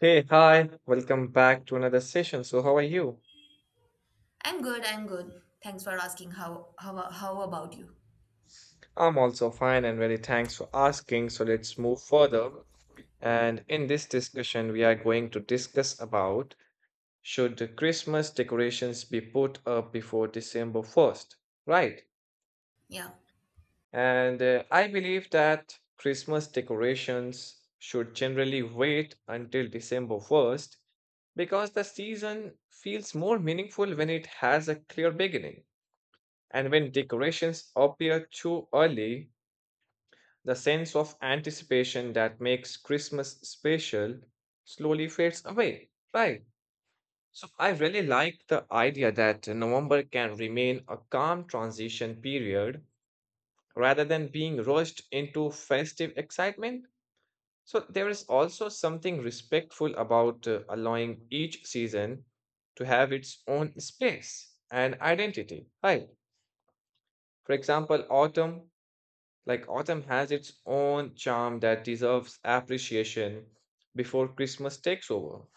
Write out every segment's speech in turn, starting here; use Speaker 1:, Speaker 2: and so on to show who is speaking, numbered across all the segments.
Speaker 1: Hey, hi, welcome back to another session. So, how are you?
Speaker 2: I'm good, I'm good. Thanks for asking, how about you?
Speaker 1: I'm also fine and very thanks for asking. So, let's move further. And in this discussion, we are going to discuss about should the Christmas decorations be put up before December 1st, right?
Speaker 2: Yeah.
Speaker 1: And I believe that Christmas decorations should generally wait until December 1st because the season feels more meaningful when it has a clear beginning. And when decorations appear too early, the sense of anticipation that makes Christmas special slowly fades away. Right. So I really like the idea that November can remain a calm transition period rather than being rushed into festive excitement. So there is also something respectful about allowing each season to have its own space and identity. Right. For example, autumn Like autumn has its own charm that deserves appreciation before Christmas takes over.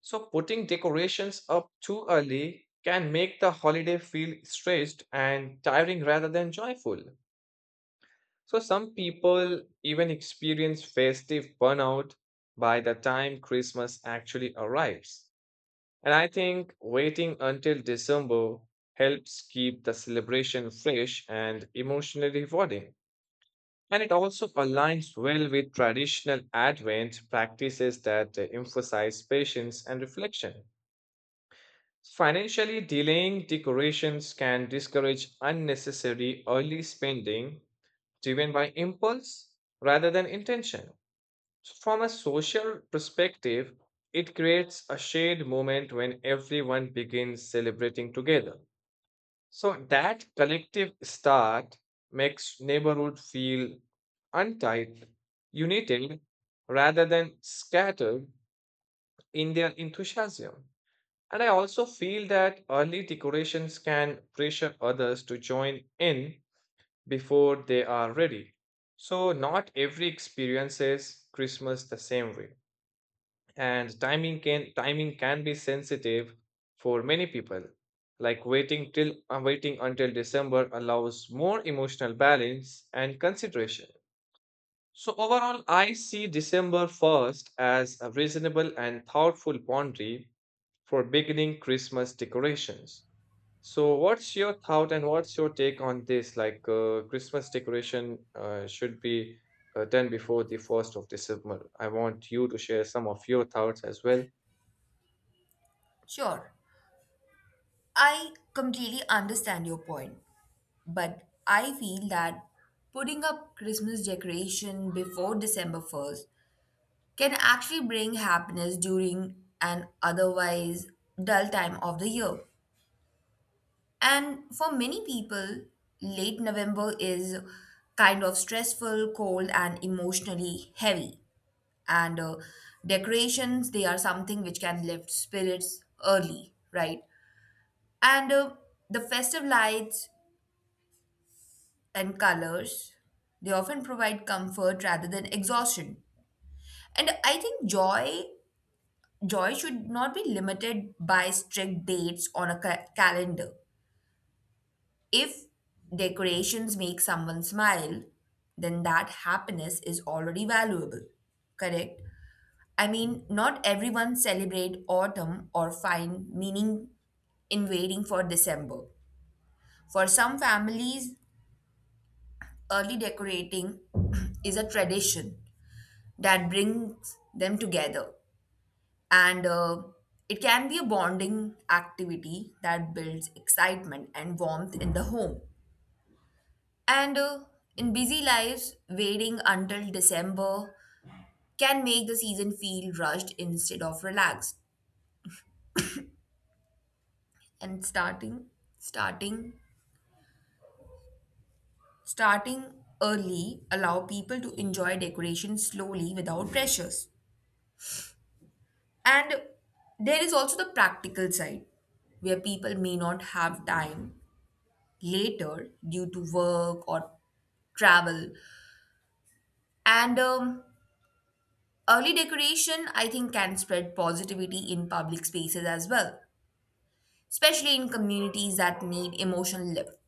Speaker 1: So putting decorations up too early can make the holiday feel stressed and tiring rather than joyful. So some people even experience festive burnout by the time Christmas actually arrives. And I think waiting until December helps keep the celebration fresh and emotionally rewarding. And it also aligns well with traditional Advent practices that emphasize patience and reflection. Financially, delaying decorations can discourage unnecessary early spending driven by impulse rather than intention. So from a social perspective, it creates a shared moment when everyone begins celebrating together. So that collective start makes neighborhood feel untied, united, rather than scattered in their enthusiasm. And I also feel that early decorations can pressure others to join in before they are ready. So not every experiences Christmas the same way and timing can be sensitive for many people, like waiting until december allows more emotional balance and consideration. So overall, I see december 1st as a reasonable and thoughtful boundary for beginning christmas decorations. So, what's your thought and what's your take on this? Like, Christmas decoration should be done before the 1st of December. I want you to share some of your thoughts as well.
Speaker 2: Sure. I completely understand your point, but I feel that putting up Christmas decoration before December 1st can actually bring happiness during an otherwise dull time of the year. And for many people, late November is kind of stressful, cold and emotionally heavy. And Decorations, they are something which can lift spirits early, right? and The festive lights and colors, they often provide comfort rather than exhaustion. And I think joy should not be limited by strict dates on a calendar. If decorations make someone smile, then that happiness is already valuable. Correct. I mean, not everyone celebrate autumn or find meaning in waiting for December. For some families, early decorating is a tradition that brings them together. And It can be a bonding activity that builds excitement and warmth in the home. And In busy lives, waiting until December can make the season feel rushed instead of relaxed. And starting Starting early allow people to enjoy decoration slowly without pressures. And there is also the practical side where people may not have time later due to work or travel. And Early decoration, I think, can spread positivity in public spaces as well, especially in communities that need emotional lift.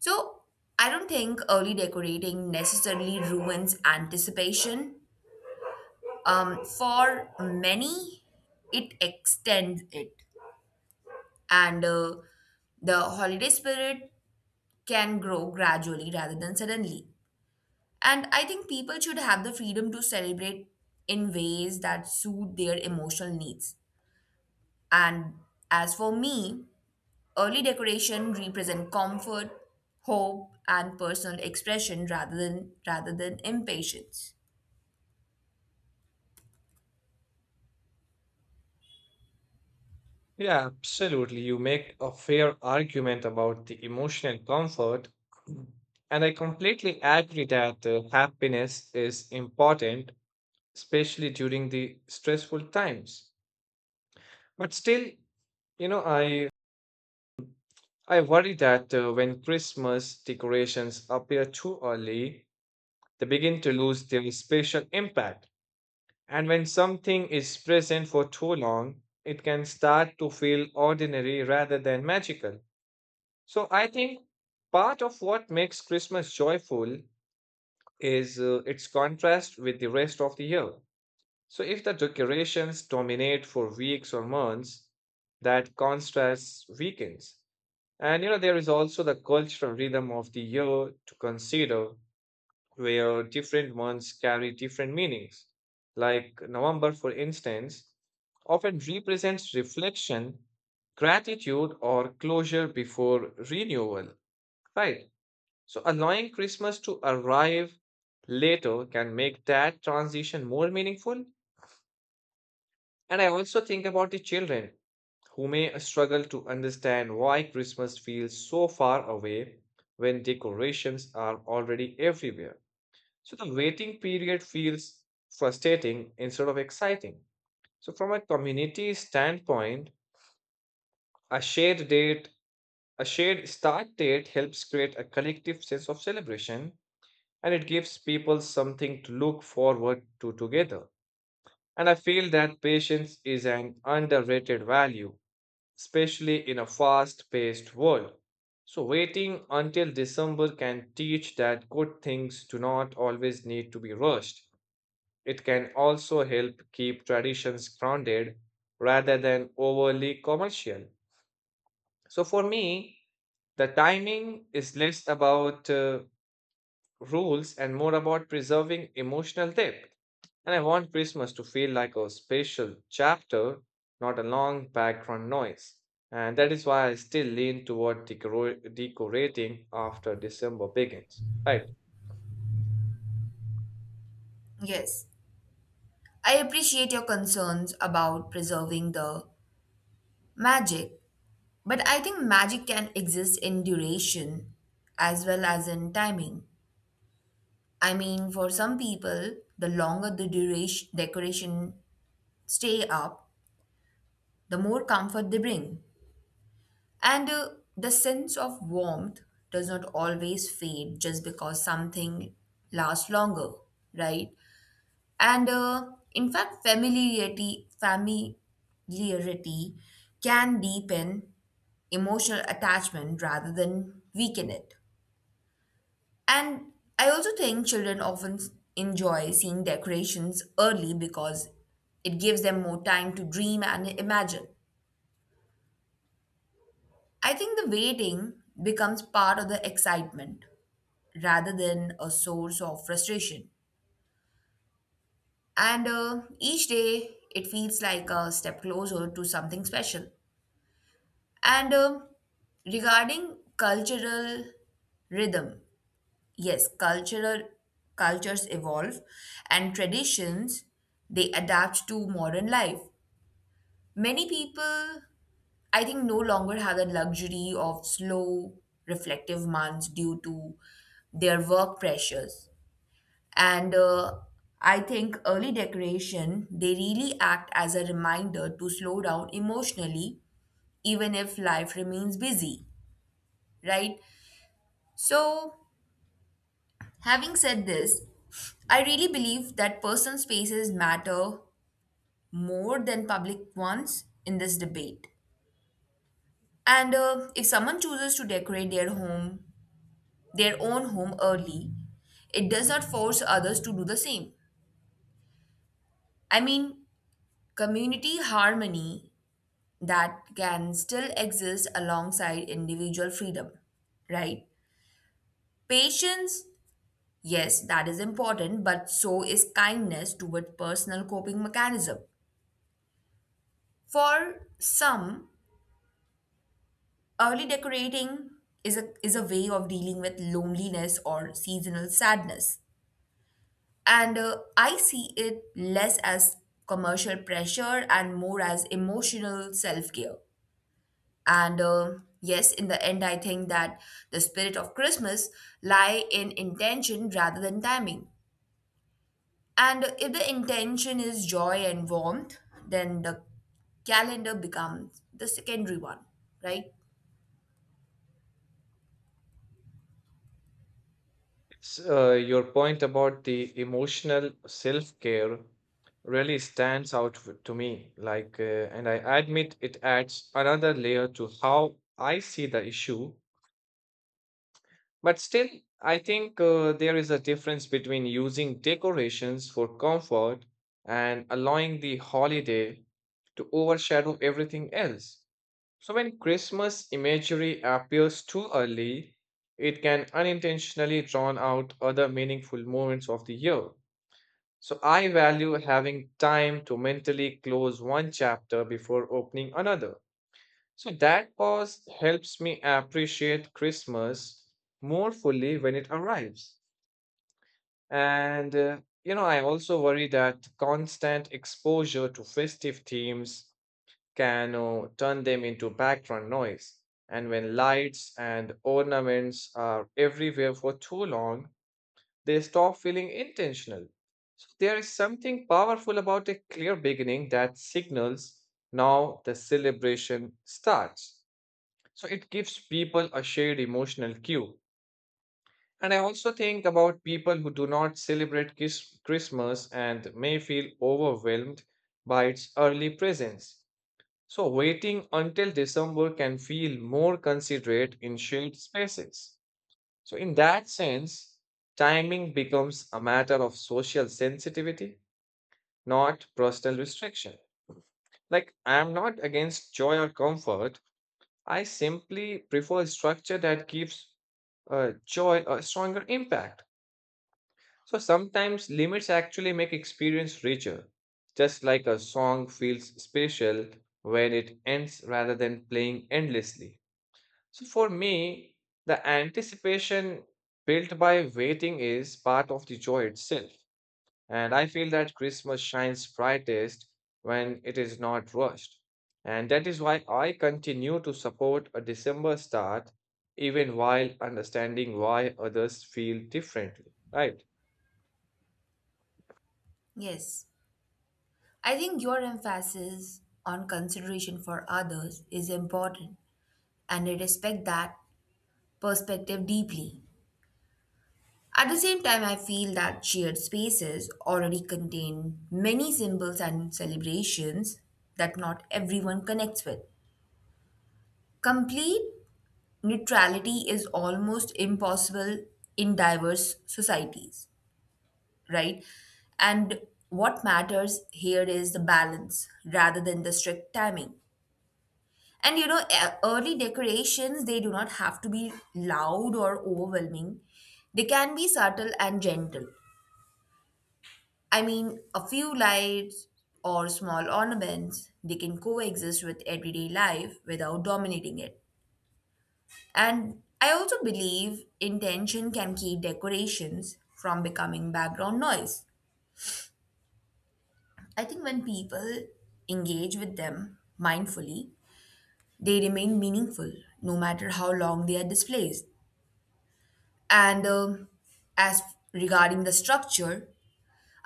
Speaker 2: So I don't think early decorating necessarily ruins anticipation. For many, it extends it, and the holiday spirit can grow gradually rather than suddenly. And I think people should have the freedom to celebrate in ways that suit their emotional needs. And as for me, early decoration represent comfort, hope, and personal expression rather than impatience.
Speaker 1: Yeah, absolutely. You make a fair argument about the emotional comfort. And I completely agree that happiness is important, especially during the stressful times. But still, you know, I worry that when Christmas decorations appear too early, they begin to lose their special impact. And when something is present for too long, it can start to feel ordinary rather than magical. So I think part of what makes Christmas joyful is its contrast with the rest of the year. So if the decorations dominate for weeks or months, that contrast weakens. And you know, there is also the cultural rhythm of the year to consider, where different months carry different meanings. Like November, for instance, often represents reflection, gratitude, or closure before renewal, right? So allowing Christmas to arrive later can make that transition more meaningful. And I also think about the children who may struggle to understand why Christmas feels so far away when decorations are already everywhere. So the waiting period feels frustrating instead of exciting. So from a community standpoint, a shared date, a shared start date helps create a collective sense of celebration, and it gives people something to look forward to together. And I feel that patience is an underrated value, especially in a fast paced world. So, waiting until December can teach that good things do not always need to be rushed. It can also help keep traditions grounded rather than overly commercial. So, for me, the timing is less about rules and more about preserving emotional depth. And I want Christmas to feel like a special chapter, not a long background noise. And that is why I still lean toward decorating after December begins. Right.
Speaker 2: Yes, I appreciate your concerns about preserving the magic. But I think magic can exist in duration as well as in timing. I mean, for some people, the longer the duration decoration stay up, the more comfort they bring. And The sense of warmth does not always fade just because something lasts longer, right? And in fact, familiarity can deepen emotional attachment rather than weaken it. And I also think children often enjoy seeing decorations early because it gives them more time to dream and imagine. I think the waiting becomes part of the excitement rather than a source of frustration. And Each day it feels like a step closer to something special. And Regarding cultural rhythm, yes, cultural cultures evolve and traditions, they adapt to modern life. Many people, I think, no longer have the luxury of slow reflective months due to their work pressures, and I think early decoration, they really act as a reminder to slow down emotionally even if life remains busy, right? So having said this, I really believe that personal spaces matter more than public ones in this debate. And If someone chooses to decorate their own home early, it does not force others to do the same. I mean, community harmony, that can still exist alongside individual freedom, right? Patience, yes, that is important, but so is kindness toward personal coping mechanism. For some, early decorating is is a way of dealing with loneliness or seasonal sadness. And I see it less as commercial pressure and more as emotional self care. And Yes, in the end, I think that the spirit of Christmas lie in intention rather than timing. And if the intention is joy and warmth, then the calendar becomes the secondary one, right?
Speaker 1: So, your point about the emotional self care really stands out to me. Like, and I admit it adds another layer to how I see the issue. But still, I think there is a difference between using decorations for comfort and allowing the holiday to overshadow everything else. So, when Christmas imagery appears too early, it can unintentionally drown out other meaningful moments of the year. So, I value having time to mentally close one chapter before opening another. So that pause helps me appreciate Christmas more fully when it arrives. And, you know, I also worry that constant exposure to festive themes can turn them into background noise. And when lights and ornaments are everywhere for too long, they stop feeling intentional. So there is something powerful about a clear beginning that signals now the celebration starts. So it gives people a shared emotional cue. And I also think about people who do not celebrate Christmas and may feel overwhelmed by its early presence. So waiting until December can feel more considerate in shared spaces. So in that sense, timing becomes a matter of social sensitivity, not personal restriction. Like I am not against joy or comfort, I simply prefer a structure that gives joy a stronger impact. So sometimes limits actually make experience richer, just like a song feels special when it ends rather than playing endlessly. So for me, the anticipation built by waiting is part of the joy itself. And I feel that Christmas shines brightest when it is not rushed. And that is why I continue to support a December start, even while understanding why others feel differently, right?
Speaker 2: Yes. I think your emphasis on consideration for others is important, and I respect that perspective deeply. At the same time, I feel that shared spaces already contain many symbols and celebrations that not everyone connects with. Complete neutrality is almost impossible in diverse societies, right? And what matters here is the balance rather than the strict timing. And you know, early decorations, they do not have to be loud or overwhelming. They can be subtle and gentle. I mean, a few lights or small ornaments, they can coexist with everyday life without dominating it. And I also believe intention can keep decorations from becoming background noise. I think when people engage with them mindfully, they remain meaningful no matter how long they are displayed. And as Regarding the structure,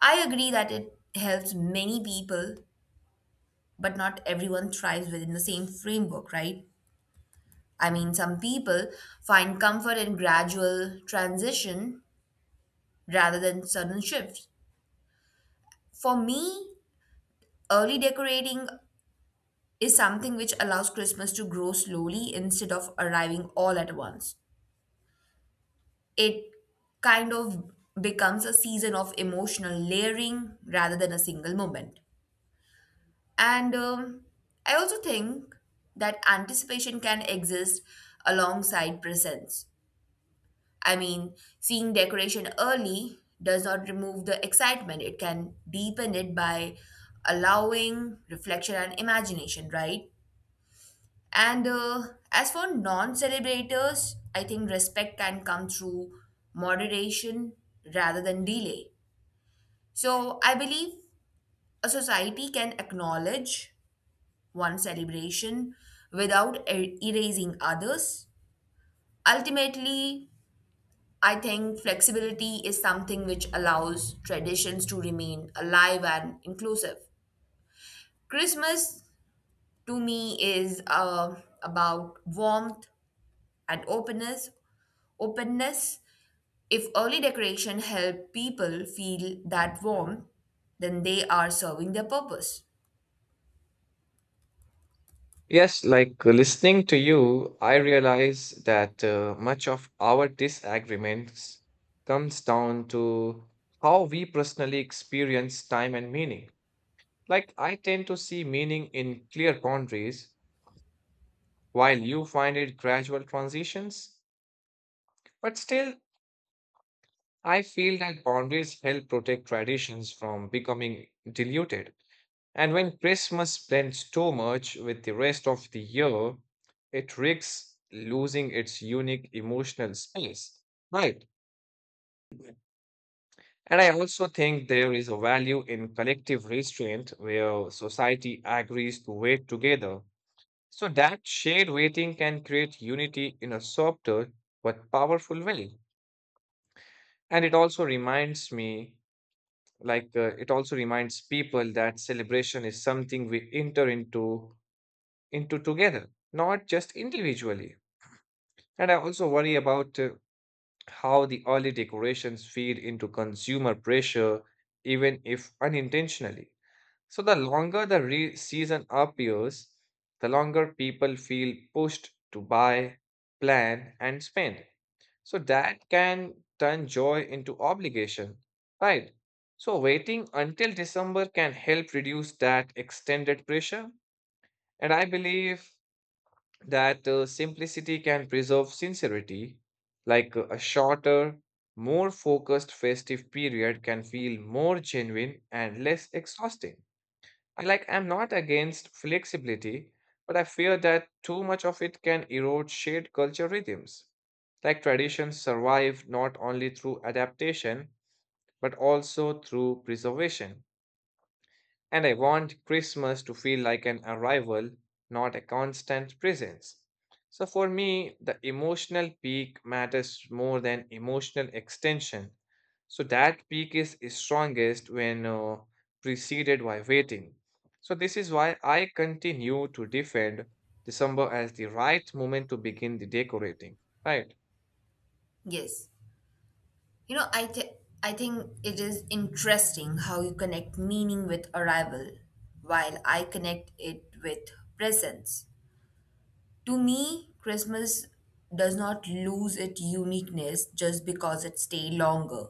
Speaker 2: I agree that it helps many people, but not everyone thrives within the same framework, right? I mean, some people find comfort in gradual transition rather than sudden shifts. For me, early decorating is something which allows Christmas to grow slowly instead of arriving all at once. It kind of becomes a season of emotional layering rather than a single moment. And I also think that anticipation can exist alongside presence. I mean, seeing decoration early does not remove the excitement, it can deepen it by allowing reflection and imagination, right? And As for non celebrators, I think respect can come through moderation rather than delay. So I believe a society can acknowledge one celebration without erasing others. Ultimately, I think flexibility is something which allows traditions to remain alive and inclusive. Christmas to me is about warmth and openness. Openness. If early decoration help people feel that warmth, then they are serving their purpose.
Speaker 1: Yes, like listening to you, I realize that much of our disagreements comes down to how we personally experience time and meaning. Like, I tend to see meaning in clear boundaries while you find it gradual transitions. But still, I feel that boundaries help protect traditions from becoming diluted. And when Christmas blends too much with the rest of the year, it risks losing its unique emotional space. Right. And I also think there is a value in collective restraint where society agrees to wait together. So that shared waiting can create unity in a softer but powerful way. And it also reminds me, like it also reminds people that celebration is something we enter into together, not just individually. And I also worry about how the early decorations feed into consumer pressure, even if unintentionally. So the longer the season appears, the longer people feel pushed to buy, plan and spend. So that can turn joy into obligation, right? So waiting until December can help reduce that extended pressure. And I believe that simplicity can preserve sincerity, like a shorter, more focused festive period can feel more genuine and less exhausting. I'm not against flexibility, but I fear that too much of it can erode shared culture rhythms. Like traditions survive not only through adaptation, but also through preservation. And I want Christmas to feel like an arrival, not a constant presence. So for me, the emotional peak matters more than emotional extension. So that peak is strongest when preceded by waiting. So this is why I continue to defend December as the right moment to begin the decorating. Right.
Speaker 2: Yes. You know, I think it is interesting how you connect meaning with arrival, while I connect it with presence. To me, Christmas does not lose its uniqueness just because it stays longer.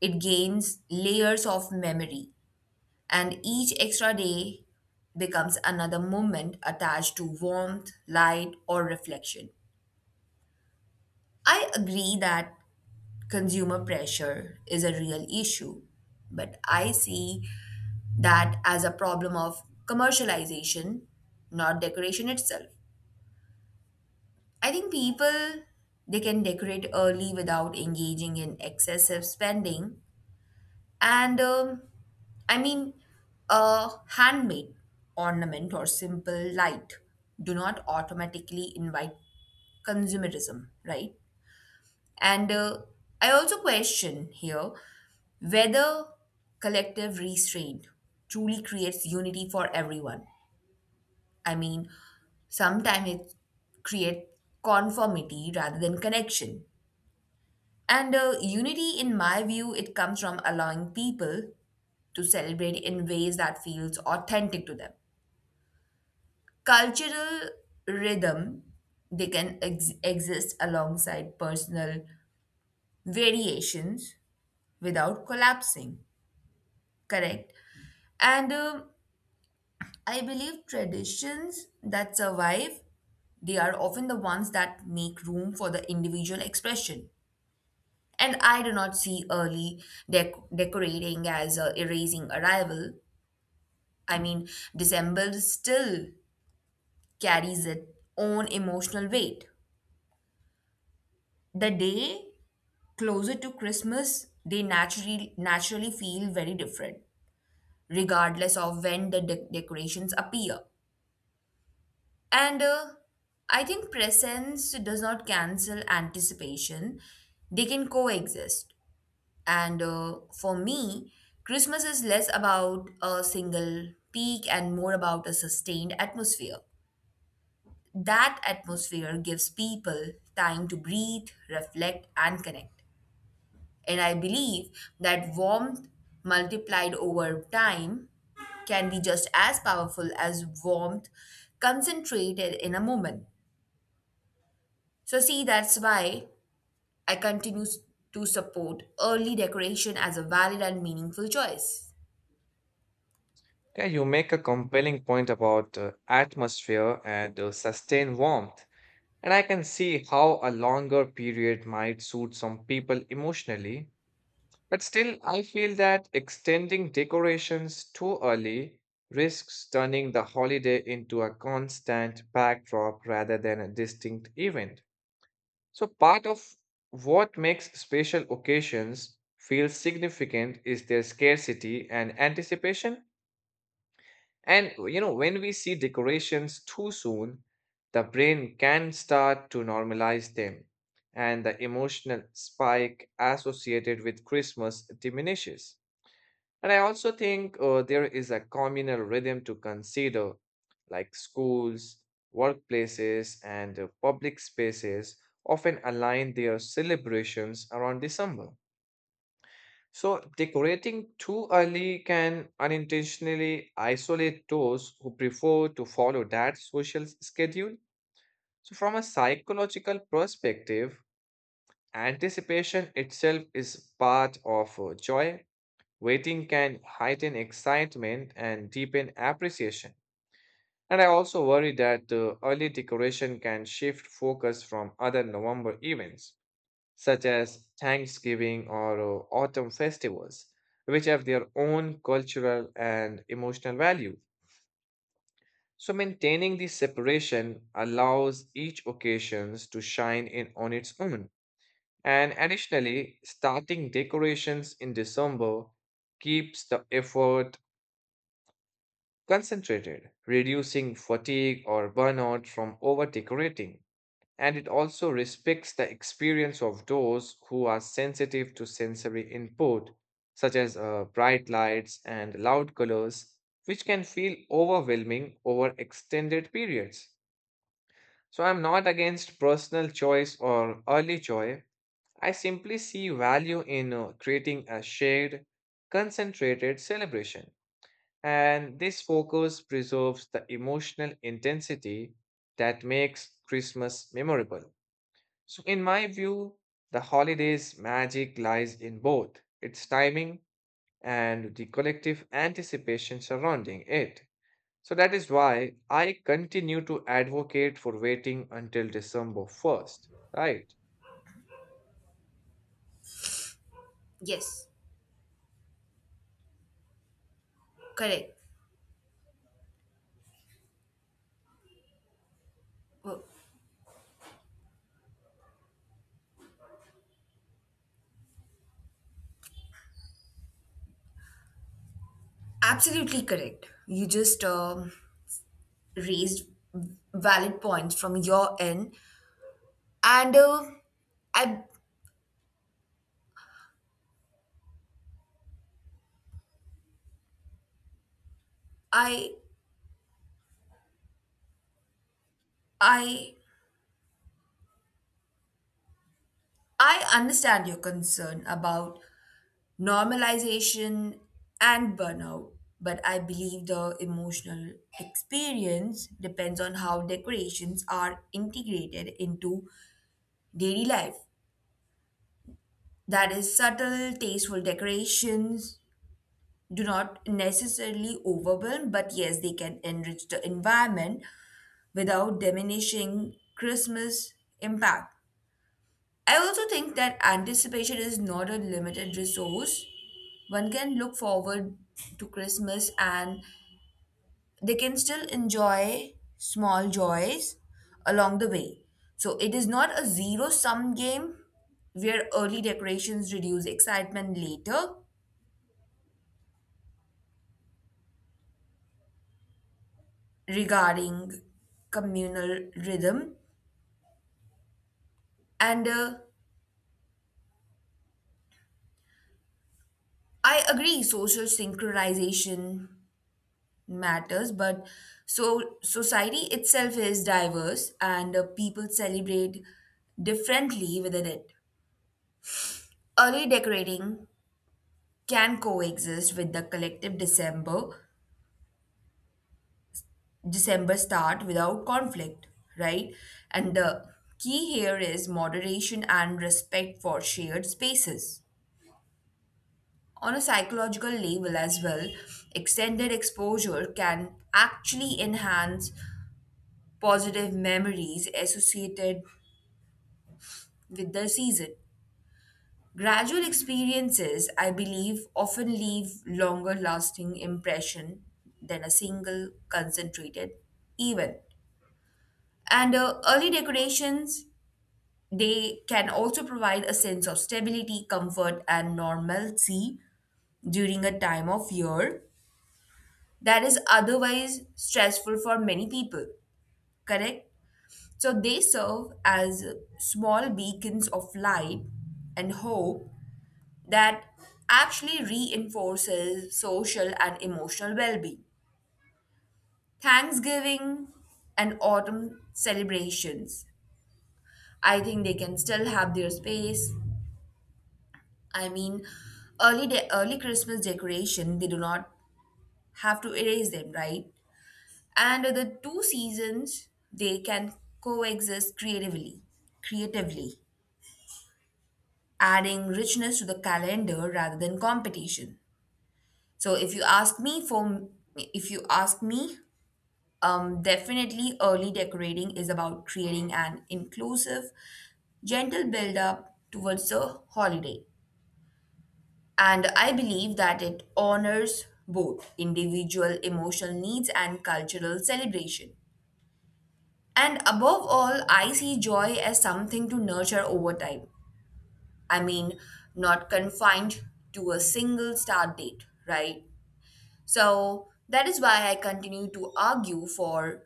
Speaker 2: It gains layers of memory, and each extra day becomes another moment attached to warmth, light, or reflection. I agree that consumer pressure is a real issue, but I see that as a problem of commercialization, not decoration itself. I think people, they can decorate early without engaging in excessive spending, and I mean, a handmade ornament or simple light do not automatically invite consumerism, right? And I also question here whether collective restraint truly creates unity for everyone. I mean, sometimes it creates conformity rather than connection. And Unity, in my view, it comes from allowing people to celebrate in ways that feels authentic to them. Cultural rhythm, they can exist alongside personal variations without collapsing. Correct. And I believe traditions that survive, they are often the ones that make room for the individual expression. And I do not see early decorating as erasing arrival. I mean, December still carries its own emotional weight. The day closer to Christmas, they naturally feel very different, regardless of when the decorations appear. And I think presence does not cancel anticipation, they can coexist. And For me, Christmas is less about a single peak and more about a sustained atmosphere. That atmosphere gives people time to breathe, reflect, and connect. And I believe that warmth multiplied over time can be just as powerful as warmth concentrated in a moment. So, see, that's why I continue to support early decoration as a valid and meaningful choice.
Speaker 1: Yeah, you make a compelling point about atmosphere and sustained warmth. And I can see how a longer period might suit some people emotionally, but still, I feel that extending decorations too early risks turning the holiday into a constant backdrop rather than a distinct event. So, part of what makes special occasions feel significant is their scarcity and anticipation. And you know, when we see decorations too soon, the brain can start to normalize them, and the emotional spike associated with Christmas diminishes. And I also think there is a communal rhythm to consider, like schools, workplaces, and public spaces often align their celebrations around December. So, decorating too early can unintentionally isolate those who prefer to follow that schedule. So, from a psychological perspective, anticipation itself is part of joy. Waiting can heighten excitement and deepen appreciation. And I also worry that early decoration can shift focus from other November events such as Thanksgiving or autumn festivals, which have their own cultural and emotional value. So maintaining this separation allows each occasions to shine in on its own. And additionally, starting decorations in December keeps the effort concentrated, reducing fatigue or burnout from over decorating. And it also respects the experience of those who are sensitive to sensory input, such as bright lights and loud colors, which can feel overwhelming over extended periods. So, I'm not against personal choice or early joy. I simply see value in creating a shared, concentrated celebration. And this focus preserves the emotional intensity that makes Christmas memorable. So, in my view, the holiday's magic lies in both its timing and the collective anticipation surrounding it. So, that is why I continue to advocate for waiting until December 1st, right?
Speaker 2: Yes, correct. Well, absolutely correct. You just raised valid points from your end, and uh, I, I, I, I understand your concern about normalization and burnout. But I believe the emotional experience depends on how decorations are integrated into daily life. That is, subtle, tasteful decorations do not necessarily overwhelm, but yes, they can enrich the environment without diminishing Christmas impact. I also think that anticipation is not a limited resource. One can look forward to Christmas and they can still enjoy small joys along the way. So it is not a zero sum game where early decorations reduce excitement later regarding communal rhythm. And I agree, social synchronization matters, but so society itself is diverse and people celebrate differently within it. Early decorating can coexist with the collective December start without conflict, right? And the key here is moderation and respect for shared spaces. On a psychological level as well, extended exposure can actually enhance positive memories associated with the season. Gradual experiences, I believe, often leave longer lasting impression than a single concentrated event. And Early decorations, they can also provide a sense of stability, comfort, and normalcy during a time of year that is otherwise stressful for many people, correct? So they serve as small beacons of light and hope that actually reinforces social and emotional well being. Thanksgiving and autumn celebrations, I think they can still have their space. I mean, early Christmas decoration, they do not have to erase them, right? And the two seasons, they can coexist creatively, adding richness to the calendar rather than competition. So if you ask me for if you ask me, definitely early decorating is about creating an inclusive, gentle build up towards the holiday. And I believe that it honors both individual emotional needs and cultural celebration. And above all, I see joy as something to nurture over time. I mean, not confined to a single start date, right? So that is why I continue to argue for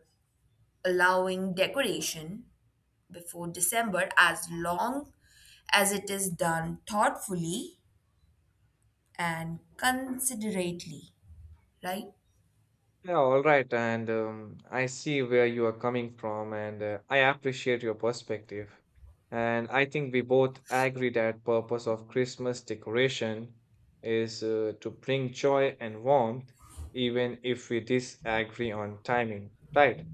Speaker 2: allowing decoration before December as long as it is done thoughtfully and considerately, right?
Speaker 1: Yeah, all right. And I see where you are coming from, and I appreciate your perspective. And I think we both agree that purpose of Christmas decoration is to bring joy and warmth, even if we disagree on timing, right?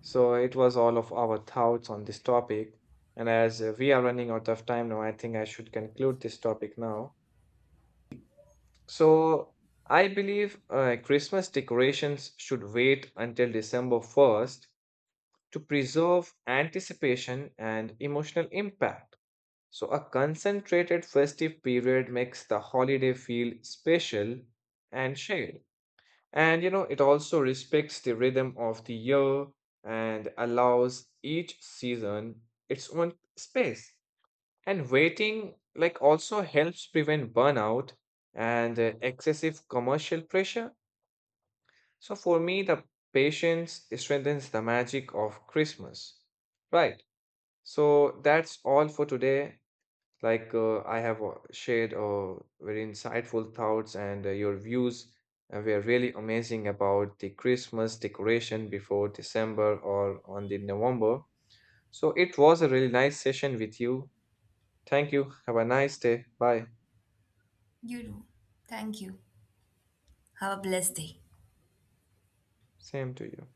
Speaker 1: So it was all of our thoughts on this topic. And as we are running out of time now, I think I should conclude this topic now. So I believe Christmas decorations should wait until December 1st to preserve anticipation and emotional impact. So a concentrated festive period makes the holiday feel special and shared. And you know, it also respects the rhythm of the year and allows each season its own space. And waiting like also helps prevent burnout and excessive commercial pressure. So for me, the patience strengthens the magic of Christmas. Right. So that's all for today. Like I have shared very insightful thoughts and your views were really amazing about the Christmas decoration before December or on the November. So it was a really nice session with you. Thank you. Have a nice day. Bye.
Speaker 2: You do. Thank you. Have a blessed day.
Speaker 1: Same to you.